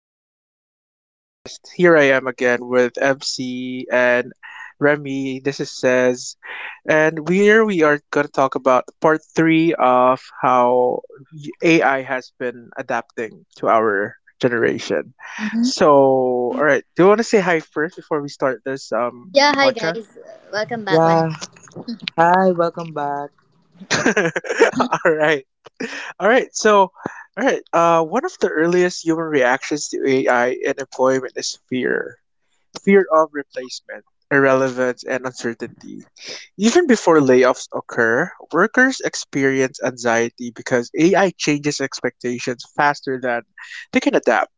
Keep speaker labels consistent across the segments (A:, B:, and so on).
A: Welcome back to the podcast. Here I am again with MC and Remy. This is Says. And here we are going to talk about part three of how AI has been adapting to our generation.
B: Mhm.
A: So, all right. Do you want to say hi first before we start this
B: Yeah, hi
A: podcast?
B: guys. Welcome back once.
C: Yeah, hi, welcome back.
A: All right. All right. One of the earliest human reactions to AI in employment is fear. Fear of replacement, irrelevance, and uncertainty. Even before layoffs occur, workers experience anxiety because AI changes expectations faster than they can adapt.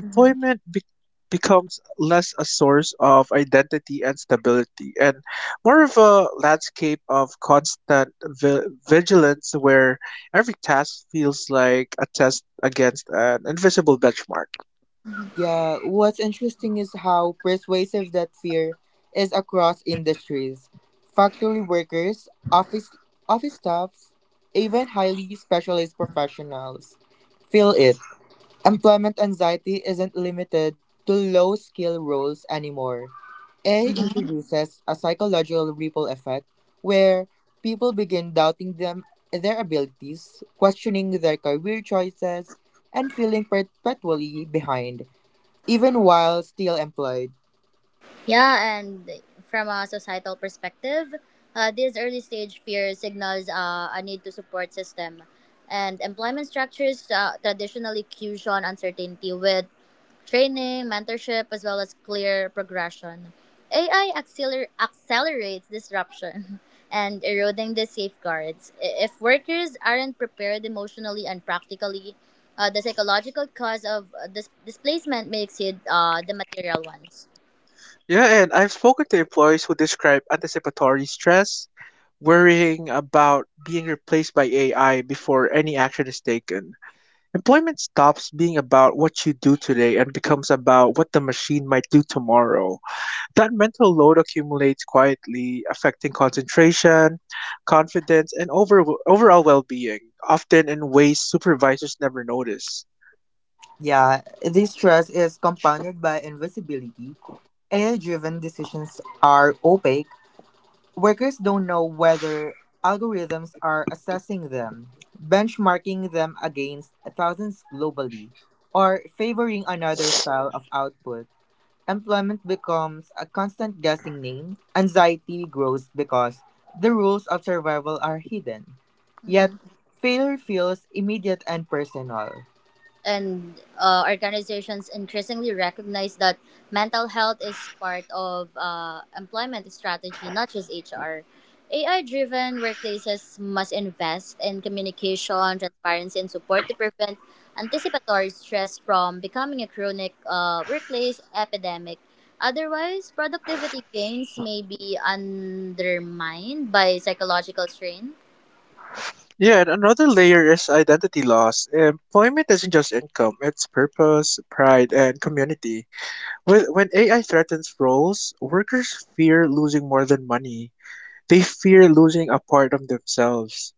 B: Mhm.
A: be- becomes less a source of identity and stability and more of a landscape of constant vigilance where every task feels like a test against an invisible benchmark.
C: Yeah, what's interesting is how persuasive that fear is across industries. Factory workers, office staffs, even highly specialized professionals feel it. Employment anxiety isn't limited to low-skill roles anymore. A introduces a psychological ripple effect where people begin doubting them their abilities, questioning their career choices, and feeling perpetually behind, even while still employed.
B: Yeah, and from a societal perspective, this early stage fear signals a need to support system. And employment structures traditionally cushion uncertainty with training, mentorship, as well as clear progression. AI accelerates disruption and eroding the safeguards. If workers aren't prepared emotionally and practically, the psychological cause of displacement may exceed the material ones.
A: Yeah, and I've spoken to employees who describe anticipatory stress, worrying about being replaced by AI before any action is taken. Employment stops being about what you do today and becomes about what the machine might do tomorrow. That mental load accumulates quietly, affecting concentration, confidence, and overall well being, often in ways supervisors never notice.
C: Yeah, this stress is compounded by invisibility. AI driven decisions are opaque. Workers don't know whether algorithms are assessing them, benchmarking them against thousands globally, or favoring another style of output. Employment becomes a constant guessing game. Anxiety grows because the rules of survival are hidden. Yet, failure feels immediate and personal.
B: And organizations increasingly recognize that mental health is part of employment strategy, not just HR. AI driven workplaces must invest in communication, transparency, and support to prevent anticipatory stress from becoming a chronic workplace epidemic. Otherwise, productivity gains may be undermined by psychological strain.
A: Yeah, and another layer is identity loss. Employment isn't just income, it's purpose, pride, and community. When AI threatens roles, workers fear losing more than money. They fear losing a part of themselves.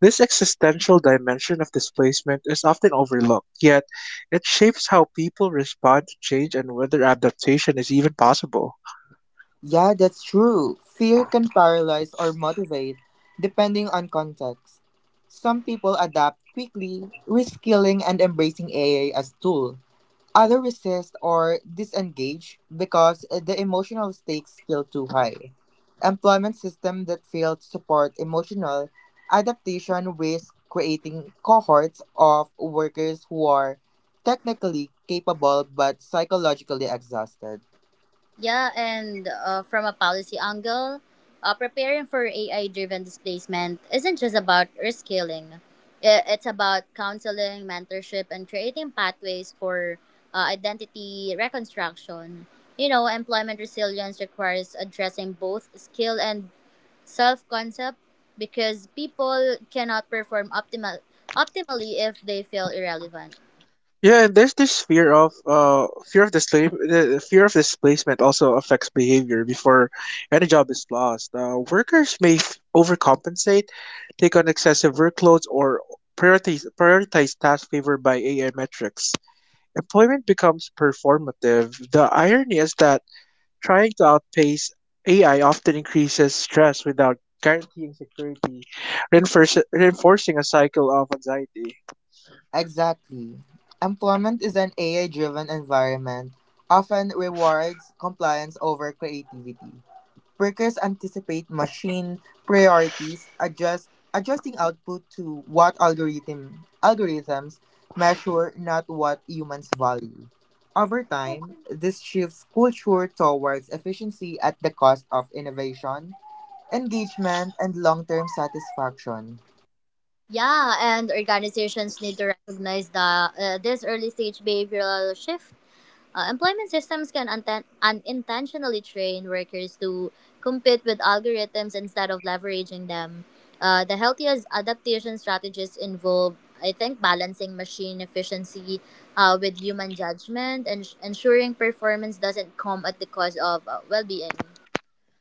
A: This existential dimension of displacement is often overlooked, yet it shapes how people respond to change and whether adaptation is even possible.
C: Yeah, that's true. Fear can paralyze or motivate, depending on context. Some people adapt quickly, reskilling and embracing AI as tool. Others resist or disengage because the emotional stakes feel too high. Employment system that fail to support emotional adaptation risk creating cohorts of workers who are technically capable but psychologically exhausted.
B: Yeah, and from a policy angle, preparing for AI driven displacement isn't just about rescaling, it's about counseling, mentorship, and creating pathways for identity reconstruction. You know, employment resilience requires addressing both skill and self concept because people cannot optimally if they feel irrelevant.
A: Yeah, and there's this fear of display the fear of displacement also affects behavior before any job is lost. Workers may overcompensate, take on excessive workloads, or prioritize tasks favored by AI metrics. Employment becomes performative. The irony is that trying to outpace AI often increases stress without guaranteeing security, reinforcing a cycle of anxiety.
C: Exactly. Employment is an AI driven environment, often rewards compliance over creativity. Workers anticipate machine priorities, adjusting output to what algorithms measure, not what humans value. Over time, this shifts culture towards efficiency at the cost of innovation, engagement, and long-term satisfaction.
B: Yeah, and organizations need to recognize the this early stage behavioral shift. Employment systems can unintentionally train workers to compete with algorithms instead of leveraging them. The healthiest adaptation strategies involve, I think, balancing machine efficiency with human judgment and ensuring performance doesn't come at the cost of well being.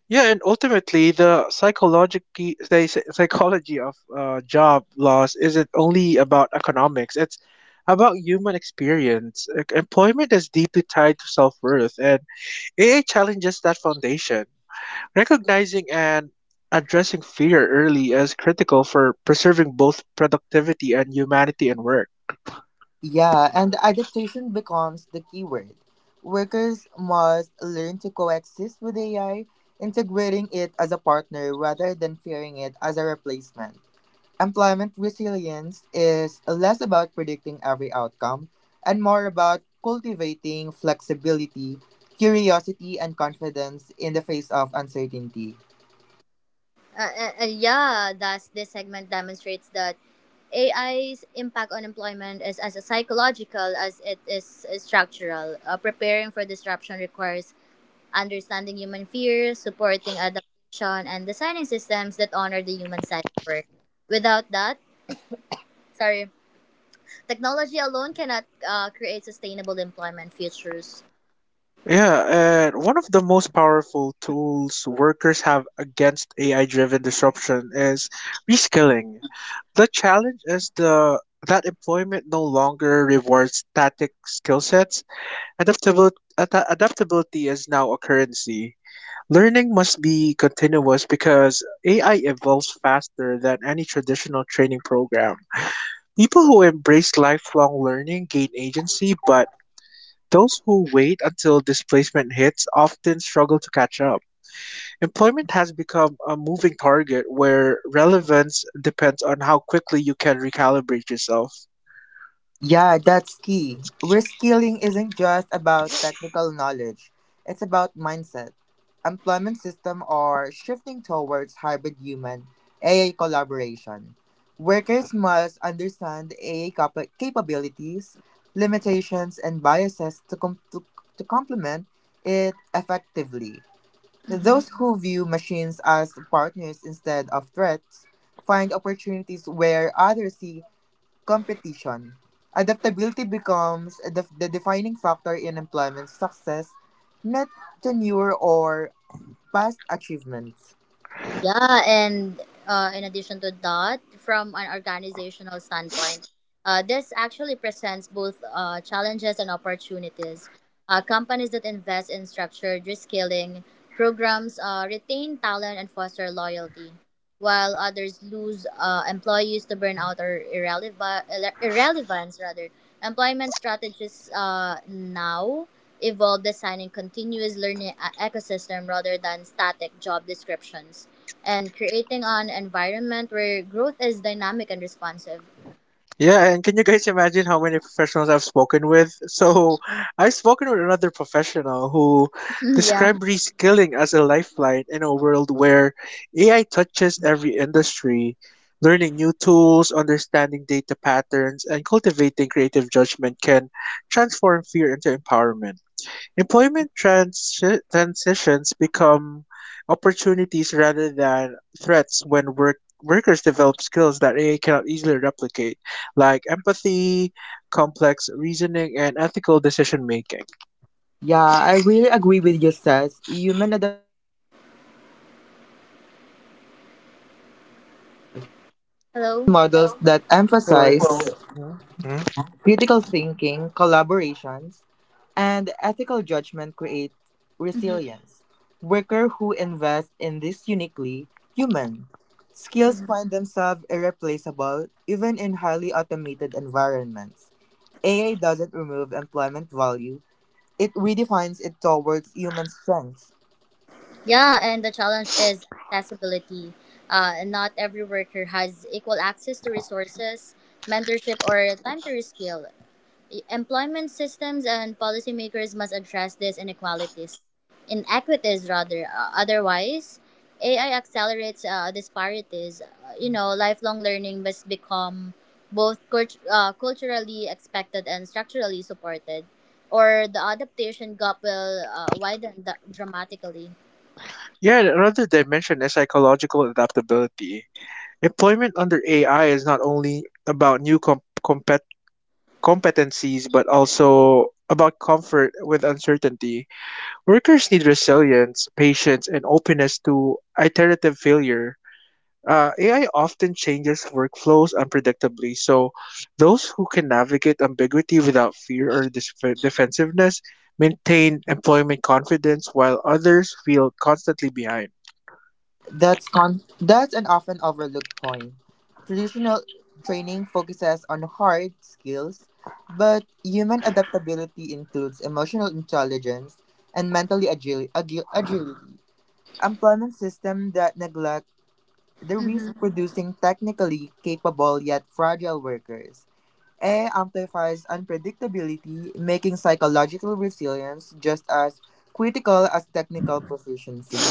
A: Yeah, and ultimately, the psychology the psy- psychology of job loss isn't only about economics. It's about human experience. Like, employment is deeply tied to self worth, and AI challenges that foundation. Recognizing and addressing fear early is critical for preserving both productivity and humanity in work.
C: Yeah, and adaptation becomes the keyword. Workers must learn to coexist with AI, integrating it as a partner rather than fearing it as a replacement. Employment resilience is less about predicting every outcome and more about cultivating flexibility, curiosity, and confidence in the face of uncertainty.
B: Yeah, thus this segment demonstrates that AI's impact on employment is as psychological as it is structural. Preparing for disruption requires understanding human fears, supporting adaptation, and designing systems that honor the human side of work. Without that, sorry, technology alone cannot create sustainable employment futures.
A: Yeah, and one of the most powerful tools workers have against AI driven disruption is reskilling. The challenge is the that employment no longer rewards static skill sets. Adaptability is now a currency. Learning must be continuous because AI evolves faster than any traditional training program. People who embrace lifelong learning gain agency, but those who wait until displacement hits often struggle to catch up. Employment has become a moving target where relevance depends on how quickly you can recalibrate yourself.
C: Yeah, that's key. Reskilling isn't just about technical knowledge, it's about mindset. Employment system are shifting towards hybrid human AI collaboration. Workers must understand capabilities, limitations, and biases to complement it effectively. Those
B: Mm-hmm.
C: who view machines as partners instead of threats find opportunities where others see competition. Adaptability becomes the defining factor in employment success, not tenure or past achievements.
B: Yeah, and in addition to that, from an organizational standpoint, this actually presents both challenges and opportunities. Companies that invest in structured reskilling programs retain talent and foster loyalty while others lose employees to burnout or irrelevance, rather. Employment strategies now evolve, designing continuous learning ecosystem rather than static job descriptions and creating an environment where growth is dynamic and responsive.
A: Yeah, and can you guys imagine how many professionals I've spoken with? So, I've spoken with another professional who
B: Yeah.
A: described reskilling as a lifeline in a world where AI touches every industry. Learning new tools, understanding data patterns, and cultivating creative judgment can transform fear into empowerment. Employment transitions become opportunities rather than threats when workers develop skills that AI cannot easily replicate, like empathy, complex reasoning, and ethical decision making.
C: Yeah, I really agree with you, Seth. Human
B: Hello.
D: That
A: So,
D: emphasize
A: Mhm. Mhm.
D: critical thinking, collaborations, and ethical judgment create resilience. Workers who invest in these uniquely human skills find themselves irreplaceable even in highly automated environments. AI doesn't remove employment value, it redefines it towards human strengths.
B: Yeah, and the challenge is accessibility. Not every worker has equal access to resources, mentorship or time to reskill. Employment systems and policymakers must address these inequities, rather. Otherwise, AI accelerates disparities. You know, lifelong learning must become both culturally expected and structurally supported, or the adaptation gap will widen dramatically.
A: Yeah, and another dimension is psychological adaptability. Employment under AI is not only about new competencies, but also about comfort with uncertainty. Workers need resilience, patience, and openness to iterative failure. AI often changes workflows unpredictably, so those who can navigate ambiguity without fear or defensiveness maintain employment confidence, while others feel constantly behind.
D: That's an often overlooked point. Traditional training focuses on hard skills, but human adaptability includes emotional intelligence and mentally agility. Employment system that neglect the risk
B: Mm-hmm.
D: producing technically capable yet fragile workers. AI amplifies unpredictability, making psychological resilience just as critical as technical proficiency.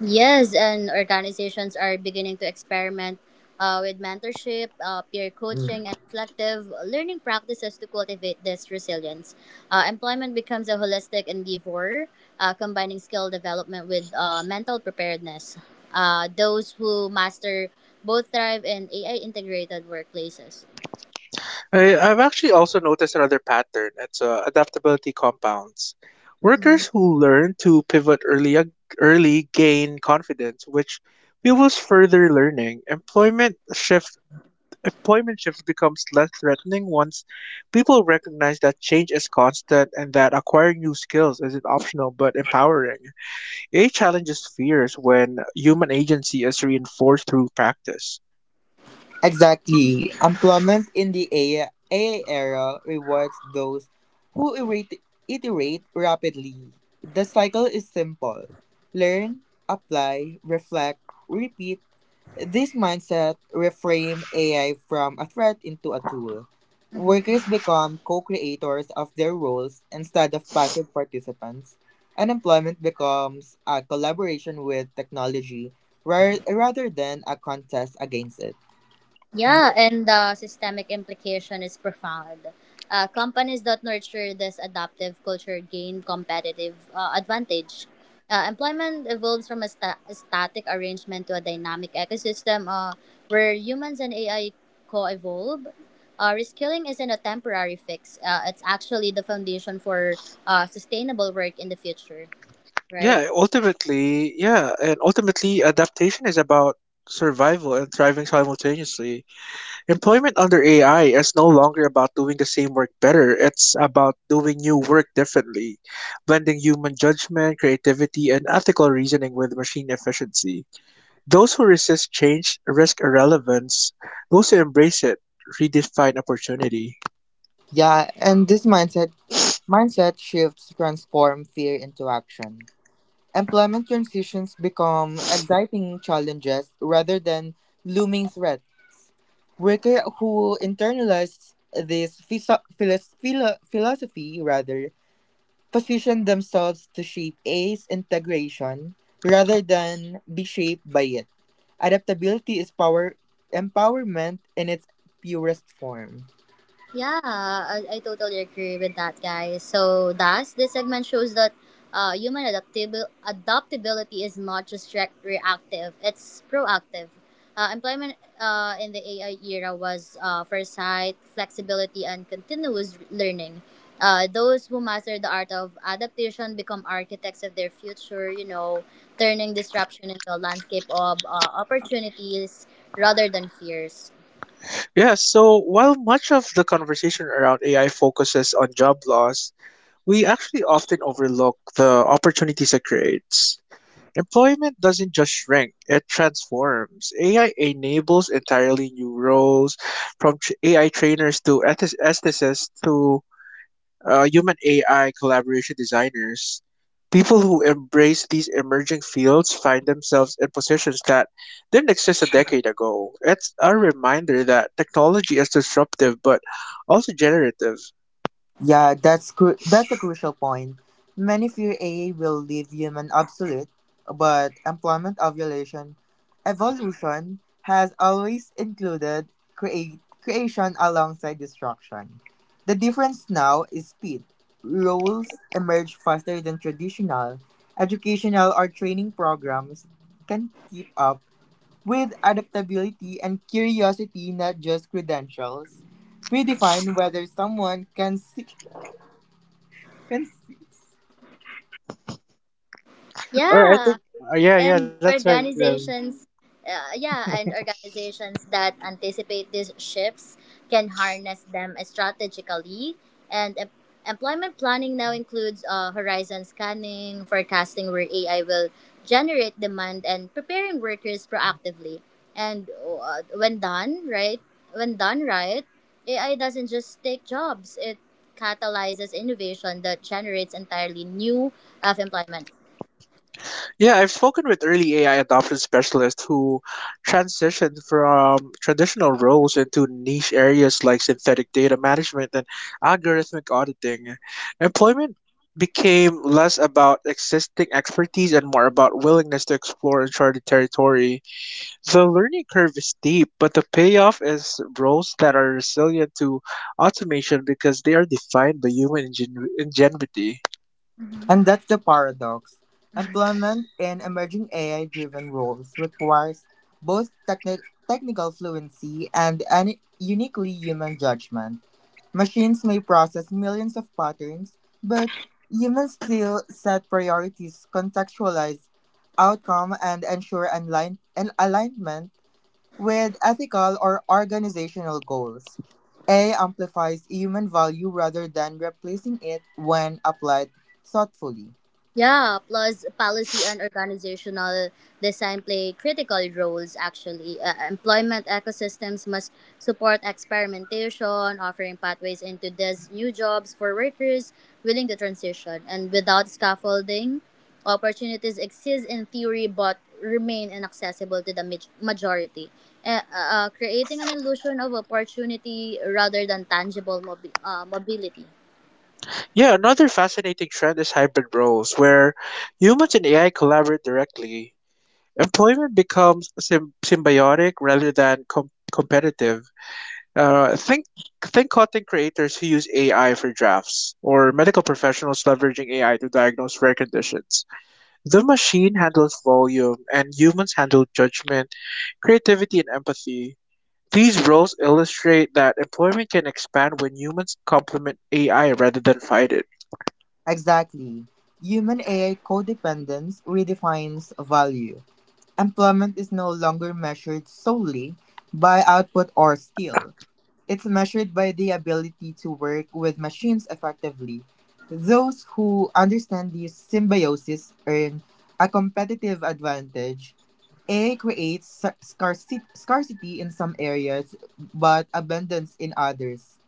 B: Yes, and organizations are beginning to experiment with mentorship, peer coaching, and reflective learning practices to cultivate this resilience. Employment becomes a holistic endeavor, combining skill development with mental preparedness. Those who master both thrive in AI integrated workplaces.
A: I've actually also noticed another pattern. It's adaptability compounds.
B: Mhm.
A: Workers who learn to pivot early gain confidence, which fuels further learning. Employment shifts becomes less threatening once people recognize that change is constant and that acquiring new skills isn't optional but empowering. AI challenges fears when human agency is reinforced through practice.
D: Exactly. Employment in the AI era rewards those who iterate rapidly. The cycle is simple: learn, apply, reflect, repeat. This mindset reframe AI from a threat into a tool. Workers become co creators of their roles instead of passive participants, and employment becomes a collaboration with technology rather than a contest against it.
B: Yeah, and the systemic implication is profound. Companies that nurture this adaptive culture gain competitive advantage. Employment evolves from a static arrangement to a dynamic ecosystem where humans and AI co evolve. Reskilling isn't a temporary fix, it's actually the foundation for sustainable work in the future, right?
A: Yeah, and ultimately adaptation is about survival and thriving simultaneously. Employment under AI is no longer about doing the same work better. It's about doing new work differently, blending human judgment, creativity, and ethical reasoning with machine efficiency. Those who resist change risk irrelevance. Those who embrace it redefine opportunity.
D: Yeah, and this mindset shifts transform fear into action. Employment transitions become exciting challenges rather than looming threat. Worker who internalize this philosophy rather position themselves to shape ACE integration rather than be shaped by it. Adaptability is power empowerment in its purest form.
B: Yeah, I totally agree with that, guys. So, thus, this segment shows that human adaptabil adaptability is not just reactive, it's proactive. Employment in the AI era was foresight, flexibility, and continuous learning. Those who master the art of adaptation become architects of their future, you know, turning disruption into a landscape of opportunities rather than fears.
A: Yes, so while much of the conversation around AI focuses on job loss, we actually often overlook the opportunities it creates. Employment doesn't just shrink, it transforms. AI enables entirely new roles, from AI trainers to aestheticists to human AI collaboration designers. People who embrace these emerging fields find themselves in positions that didn't exist a decade ago. It's a reminder that technology is disruptive but also generative.
D: Yeah, that's a crucial point. Many fear AI will leave human obsolete, but employment ovulation evolution has always included create creation alongside destruction. The difference now is speed. Roles emerge faster than traditional educational or training programs can keep up with adaptability and curiosity, not just credentials. Redefine whether someone can and
A: All right, I
B: Yeah,
A: think, Yeah, yeah,
B: and
A: that's right, Ravi.
B: organizations that anticipate these shifts can harness them strategically and employment planning now includes horizon scanning, forecasting where AI will generate demand and preparing workers proactively. And when done right, AI doesn't just take jobs, it catalyzes innovation that generates entirely new of employment.
A: Yeah, I've spoken with early AI adoption specialists who transitioned from traditional roles into niche areas like synthetic data management and algorithmic auditing. Employment became less about existing expertise and more about willingness to explore uncharted territory. The learning curve is steep, but the payoff is roles that are resilient to automation because they are defined by human ingenuity.
D: that's the paradox. Employment in emerging AI driven roles requires both technical fluency and an uniquely human judgment. Machines may process millions of patterns, but humans still set priorities, contextualize outcome, and ensure an alignment with ethical or organizational goals. AI amplifies human value rather than replacing it when applied thoughtfully.
B: Yeah, plus policy and organizational design play critical roles actually. Employment ecosystems must support experimentation, offering pathways into these new jobs for workers willing to transition. And without scaffolding, opportunities exist in theory but remain inaccessible to the majority, creating an illusion of opportunity rather than tangible mobility.
A: Yeah, another fascinating trend is hybrid roles, where humans and AI collaborate directly. Employment becomes symbiotic rather than competitive. Uh, think think content creators who use AI for drafts, or medical professionals leveraging AI to diagnose rare conditions. The machine handles volume, and humans handle judgment, creativity, and empathy. These roles illustrate that employment can expand when humans complement AI rather than fight it.
D: Exactly. Human AI codependence redefines value. Employment is no longer measured solely by output or skill. It's measured by the ability to work with machines effectively. Those who understand this symbiosis earn a competitive advantage. It creates scarcity in some areas, but abundance in others.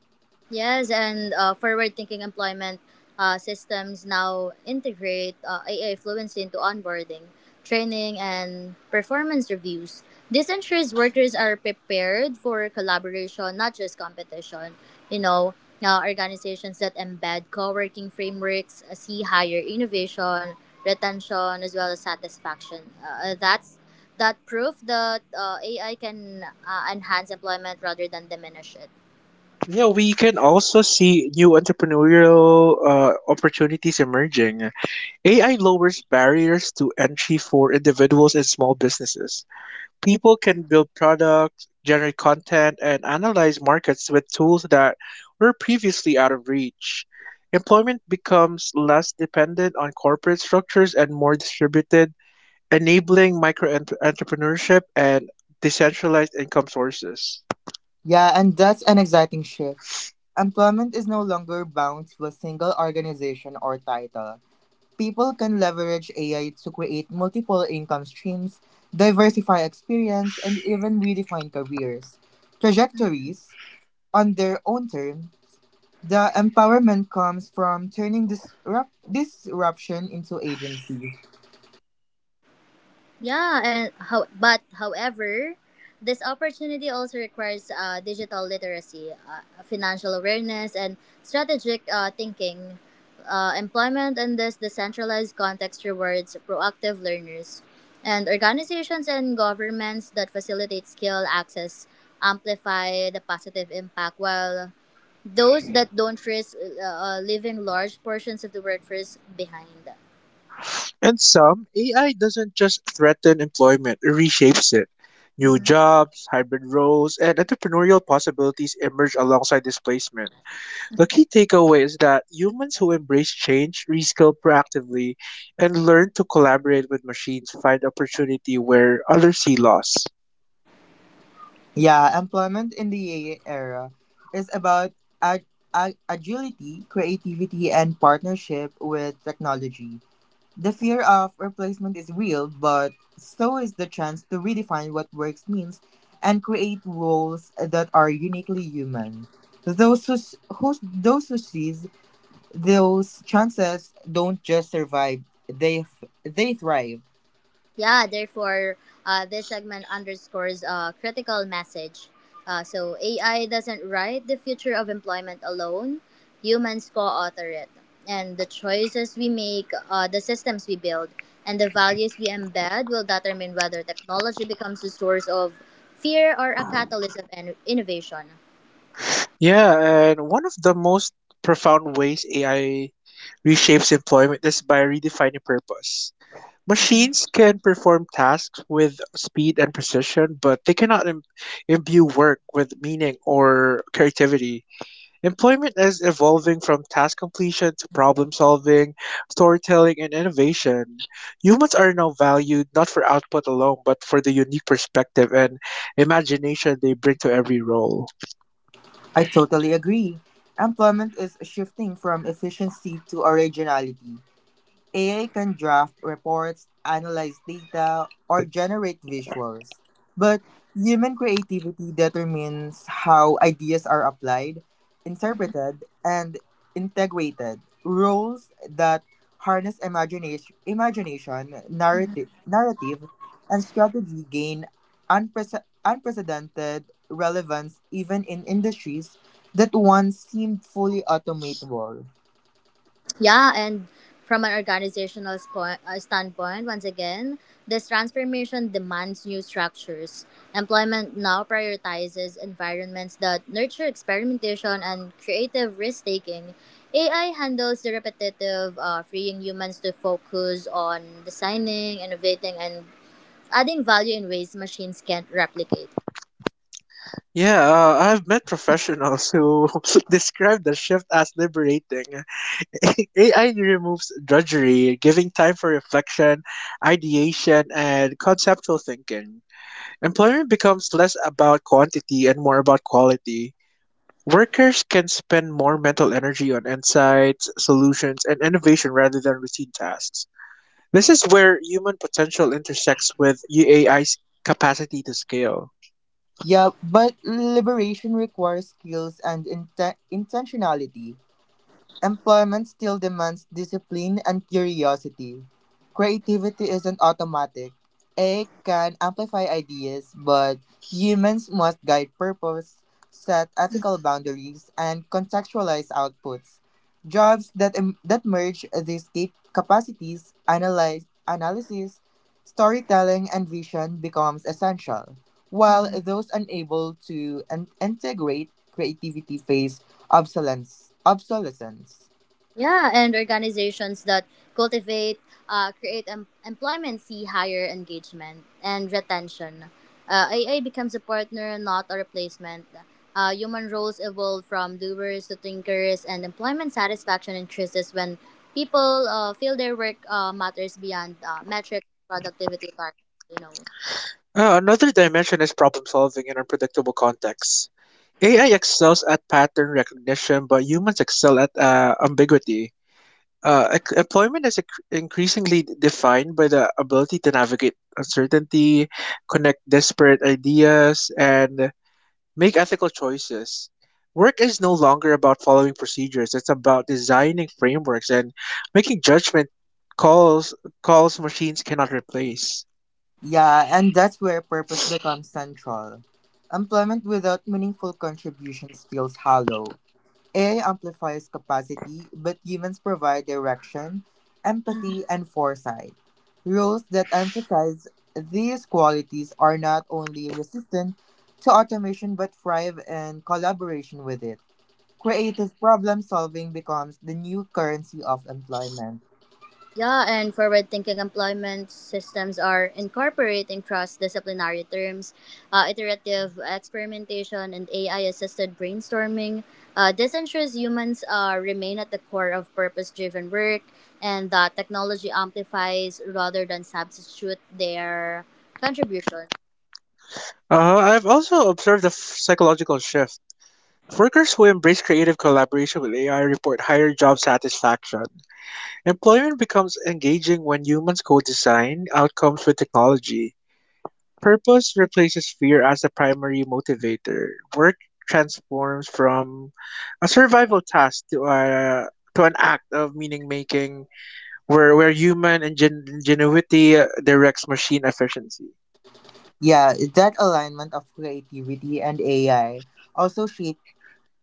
B: Yes, and forward-thinking employment systems now integrate AI fluency into onboarding, training, and performance reviews. This ensures workers are prepared for collaboration, not just competition. You know, organizations that embed co-working frameworks see higher innovation, retention, as well as satisfaction. That proof that AI can enhance employment rather than diminish it.
A: Yeah, we can also see new entrepreneurial opportunities emerging. AI lowers barriers to entry for individuals and small businesses. People can build products, generate content, and analyze markets with tools that were previously out of reach. Employment becomes less dependent on corporate structures and more distributed, enabling micro entrepreneurship and decentralized income sources.
D: Yeah, and that's an exciting shift. Employment is no longer bound to a single organization or title. People can leverage AI to create multiple income streams, diversify experience, and even redefine careers. Trajectories, on their own term, the empowerment comes from turning disruption into agency.
B: Yeah, and how, but however, this opportunity also requires digital literacy, financial awareness, and strategic thinking. Employment in this decentralized context rewards proactive learners, and organizations and governments that facilitate skill access amplify the positive impact, while those that don't risk leaving large portions of the workforce behind.
A: And some, AI doesn't just threaten employment, it reshapes it. New jobs, hybrid roles, and entrepreneurial possibilities emerge alongside displacement. The key takeaway is that humans who embrace change, reskill proactively, and learn to collaborate with machines find opportunity where others see loss.
D: Yeah, employment in the AI era is about ag- agility, creativity, and partnership with technology. The fear of replacement is real, but so is the chance to redefine what works means and create roles that are uniquely human. Those who seize those chances don't just survive, they thrive.
B: Yeah, therefore, this segment underscores a critical message. AI doesn't write the future of employment alone, humans co author it. And the choices we make, the systems we build, and the values we embed will determine whether technology becomes a source of fear or a catalyst of innovation.
A: Yeah, and one of the most profound ways AI reshapes employment is by redefining purpose. Machines can perform tasks with speed and precision, but they cannot imbue work with meaning or creativity. Employment is evolving from task completion to problem solving, storytelling, and innovation. Humans are now valued not for output alone, but for the unique perspective and imagination they bring to every role.
D: I totally agree. Employment is shifting from efficiency to originality. AI can draft reports, analyze data, or generate visuals. But human creativity determines how ideas are applied, interpreted, and integrated. Roles that harness imagination narrative, and strategy gain unprecedented relevance even in industries that once seemed fully automatable.
B: Yeah, and from an organizational standpoint, once again, this transformation demands new structures. Employment now prioritizes environments that nurture experimentation and creative risk taking. AI handles the repetitive, freeing humans to focus on designing, innovating, and adding value in ways machines can't replicate.
A: Yeah, I've met professionals who describe the shift as liberating. AI removes drudgery, giving time for reflection, ideation, and conceptual thinking. Employment becomes less about quantity and more about quality. Workers can spend more mental energy on insights, solutions, and innovation rather than routine tasks. This is where human potential intersects with AI's capacity to scale.
D: Yeah, but liberation requires skills and intentionality. Employment still demands discipline and curiosity. Creativity isn't automatic. AI can amplify ideas, but humans must guide purpose, set ethical boundaries, and contextualize outputs. Jobs that merge these capacities, analysis, storytelling, and vision becomes essential, while those unable to integrate creativity face obsolescence.
B: Yeah, and organizations that cultivate, create employment see higher engagement and retention. AI becomes a partner, not a replacement. Human roles evolve from doers to thinkers, and employment satisfaction increases when people feel their work matters beyond metric productivity targets, you know.
A: Another dimension is problem solving in unpredictable contexts. AI excels at pattern recognition, but humans excel at ambiguity. Employment is increasingly defined by the ability to navigate uncertainty, connect disparate ideas, and make ethical choices. Work is no longer about following procedures, it's about designing frameworks and making judgment calls calls machines cannot replace.
D: Yeah, and that's where purpose becomes central. Employment without meaningful contributions feels hollow. AI amplifies capacity, but humans provide direction, empathy, and foresight. Roles that emphasize these qualities are not only resistant to automation but thrive in collaboration with it. Creative problem solving becomes the new currency of employment.
B: Yeah, and forward thinking employment systems are incorporating cross disciplinary terms, iterative experimentation, and AI assisted brainstorming. This ensures humans remain at the core of purpose driven work and that technology amplifies rather than substitute their contributions.
A: I've also observed a psychological shift. Workers who embrace creative collaboration with AI report higher job satisfaction. Employment becomes engaging when humans co design outcomes with technology. Purpose replaces fear as the primary motivator. Work transforms from a survival task to a to an act of meaning making where human ingenuity directs machine efficiency.
D: Yeah, that alignment of creativity and AI also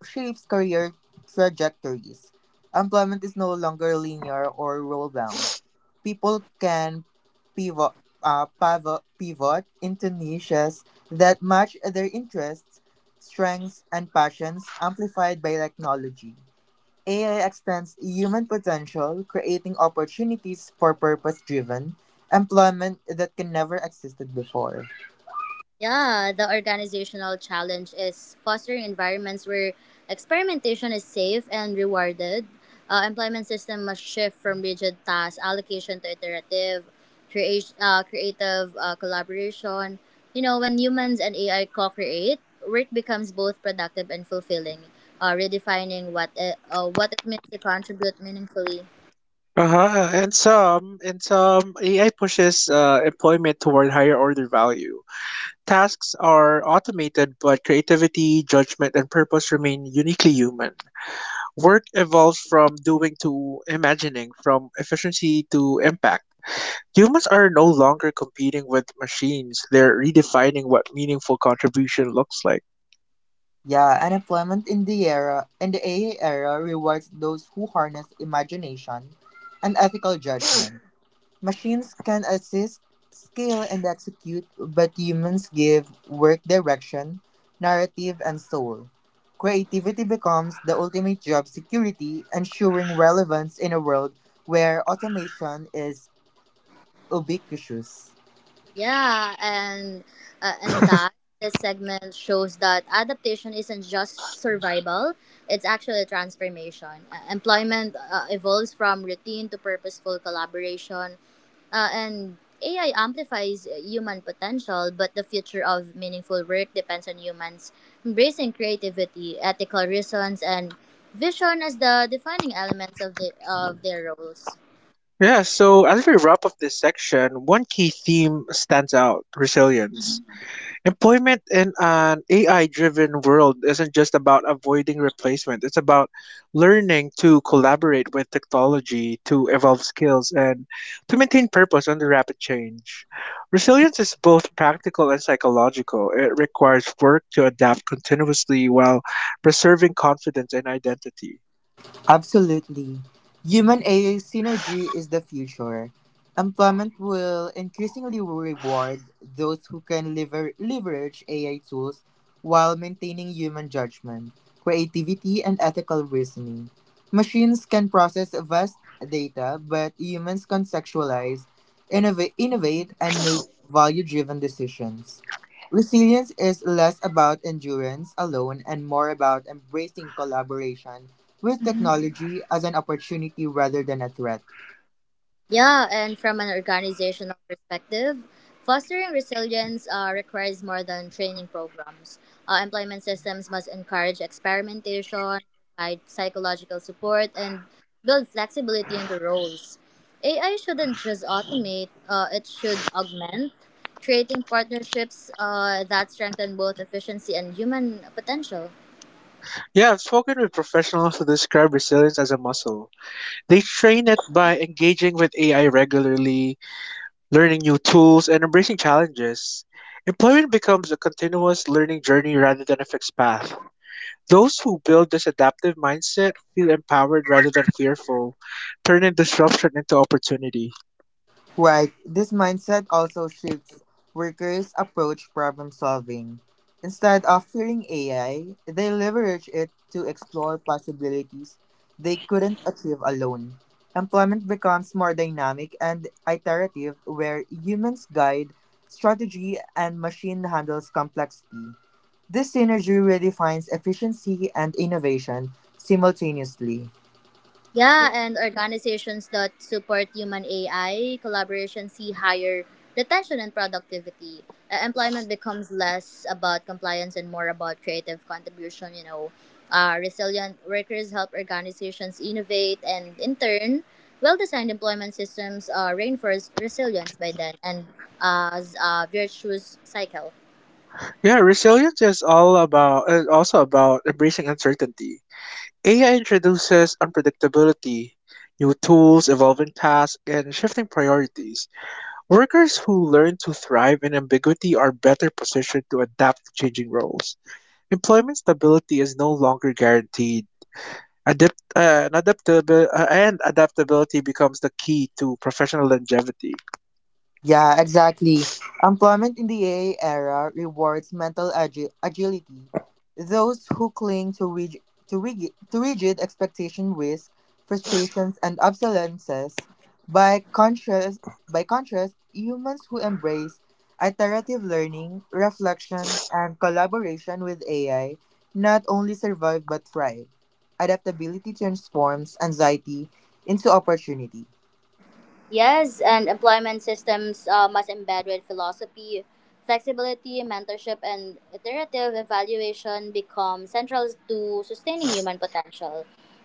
D: shapes career trajectories. Employment is no longer linear or role bound. People can pivot, pivot into niches that match their interests, strengths, and passions, amplified by technology. AI extends human potential, creating opportunities for purpose driven employment that can never existed before.
B: Yeah, the organizational challenge is fostering environments where experimentation is safe and rewarded. Employment system must shift from rigid task allocation to iterative, creative collaboration. You know, when humans and AI co-create, work becomes both productive and fulfilling, redefining what it means to contribute meaningfully.
A: Uh-huh. And some AI pushes employment toward higher order value. Tasks are automated, but creativity, judgment, and purpose remain uniquely human. Work evolves from doing to imagining, from efficiency to impact. Humans are no longer competing with machines. They're redefining what meaningful contribution looks like.
D: Yeah, and employment in the AI era rewards those who harness imagination and ethical judgment. Machines can assist, scale, and execute, but humans give work direction, narrative, and soul. Creativity becomes the ultimate job security, ensuring relevance in a world where automation is ubiquitous.
B: Yeah, and that this segment shows that adaptation isn't just survival; it's actually a transformation. Employment evolves from routine to purposeful collaboration, and AI amplifies human potential. But the future of meaningful work depends on humans embracing creativity, ethical reasons, and vision as the defining elements of their roles.
A: Yeah, so as we wrap up this section, one key theme stands out: resilience. Employment in an AI driven world isn't just about avoiding replacement, it's about learning to collaborate with technology, to evolve skills, and to maintain purpose under rapid change. Resilience is both practical and psychological. It requires work to adapt continuously while preserving confidence and identity.
D: Absolutely. Human AI synergy is the future. Employment will increasingly reward those who can leverage AI tools while maintaining human judgment, creativity, and ethical reasoning. Machines can process vast data, but humans can contextualize, innovate, and make value driven decisions. Resilience is less about endurance alone and more about embracing collaboration with technology as an opportunity rather than a threat.
B: Yeah, and from an organizational perspective, fostering resilience requires more than training programs. Employment systems must encourage experimentation, provide psychological support, and build flexibility into roles. AI shouldn't just automate, it should augment, creating partnerships that strengthen both efficiency and human potential.
A: Yeah, I've spoken with professionals who describe resilience as a muscle. They train it by engaging with AI regularly, learning new tools, and embracing challenges. Employment becomes a continuous learning journey rather than a fixed path. Those who build this adaptive mindset feel empowered rather than fearful, turning disruption into opportunity.
D: Right, this mindset also shifts workers' approach problem solving. Instead of fearing AI, they leverage it to explore possibilities they couldn't achieve alone. Employment becomes more dynamic and iterative, where humans guide strategy and machine handles complexity. This synergy redefines efficiency and innovation simultaneously.
B: Yeah, and organizations that support human AI collaboration see higher retention and productivity. Employment becomes less about compliance and more about creative contribution, you know. Resilient workers help organizations innovate, and in turn, well designed employment systems reinforce resilience by then and as a virtuous cycle.
A: Yeah, resilience is also about embracing uncertainty. AI introduces unpredictability, new tools, evolving tasks, and shifting priorities. Workers who learn to thrive in ambiguity are better positioned to adapt to changing roles. Employment stability is no longer guaranteed. Adapt, and, adaptabil- and Adaptability becomes the key to professional longevity.
D: Yeah, exactly. Employment in the AI era rewards mental agility. Those who cling to rigid expectation risk frustrations and obsolescences. By contrast, by contrast, humans who embrace iterative learning, reflection, and collaboration with AI not only survive but thrive. Adaptability transforms anxiety into opportunity.
B: Yes, and employment systems must embed with philosophy, flexibility, mentorship, and iterative evaluation become central to sustaining human potential.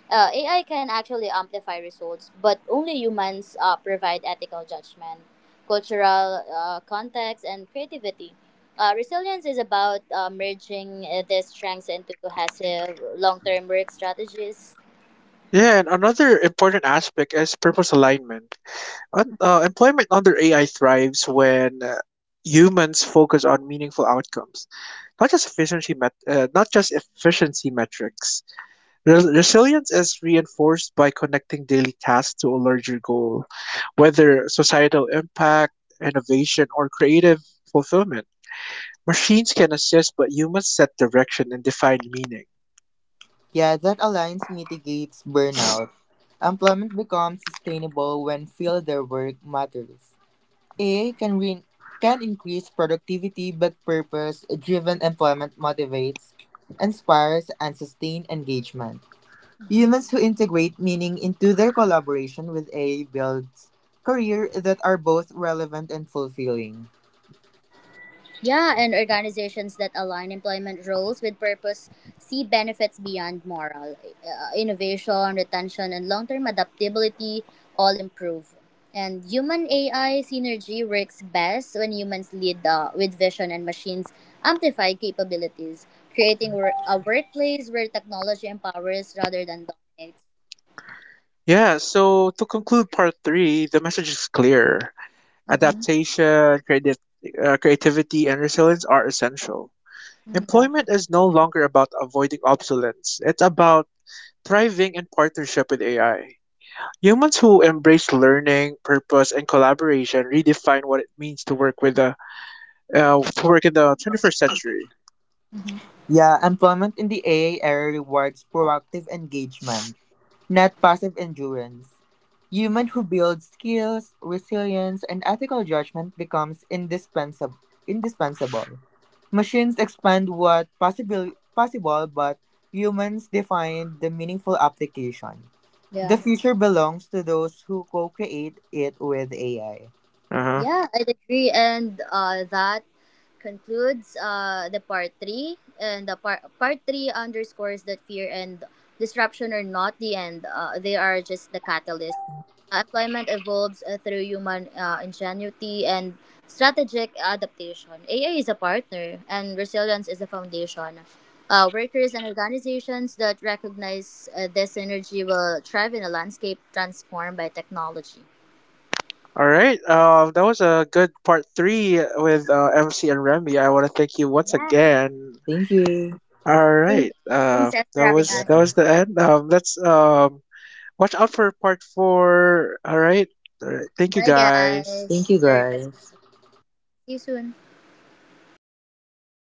B: AI can actually amplify results, but only humans provide ethical judgment, cultural context, and creativity. Resilience is about merging these strengths into cohesive long term work strategies.
A: Yeah, and another important aspect is purpose alignment. Employment under AI thrives when humans focus on meaningful outcomes, not just efficiency metrics. Resilience is reinforced by connecting daily tasks to a larger goal, whether societal impact, innovation, or creative fulfillment. Machines can assist, but humans set direction and define meaning.
D: Yeah, that alliance mitigates burnout. Employment becomes sustainable when field their work matters. A I can increase productivity, but purpose-driven employment motivates, inspires, and sustains engagement. Humans who integrate meaning into their collaboration with A I builds career that are both relevant and fulfilling.
B: Yeah, and organizations that align employment roles with purpose see benefits beyond moral. Innovation, retention, and long term adaptability all improve. And human AI synergy works best when humans lead with vision and machines amplify capabilities, creating a workplace where technology empowers rather than dominates.
A: Yeah, so to conclude part three, the message is clear.
B: Mm-hmm.
A: Adaptation, creativity, and resilience are essential.
B: Yeah.
A: Employment is no longer about avoiding obsolescence, it's about thriving in partnership with AI. Humans who embrace learning, purpose, and collaboration redefine what it means to work in the 21st century.
B: Mm-hmm.
D: Yeah, employment in the AA era rewards proactive engagement not passive endurance. Human who builds skills, resilience, and ethical judgment becomes indispensable. Machines expand what possible, but humans define the meaningful application. The
B: Yeah.
D: future belongs to those who co-create it with AI.
A: Uh-huh.
B: Yeah, I'd agree. And that concludes the part three, and the part three underscores that fear and disruption are not the end; they are just the catalyst. Employment evolves through human ingenuity and strategic adaptation. AI is a partner, and resilience is the foundation. Workers and organizations that recognize this energy will thrive in a landscape transformed by technology.
A: All right. That was a good part three with MC and Remy. I want to thank you once
B: Yeah.
A: again.
D: Thank you.
A: All
B: Thank
A: right.
B: you. Thanks Seth, for having us.
A: That
D: Yeah.
A: was the end. Let's Watch out for part four. All right. All right. Thank you
B: Bye, guys.
A: guys.
B: Thank
D: Thank
B: you
D: you,
B: for
D: guys.
B: listening. See you soon.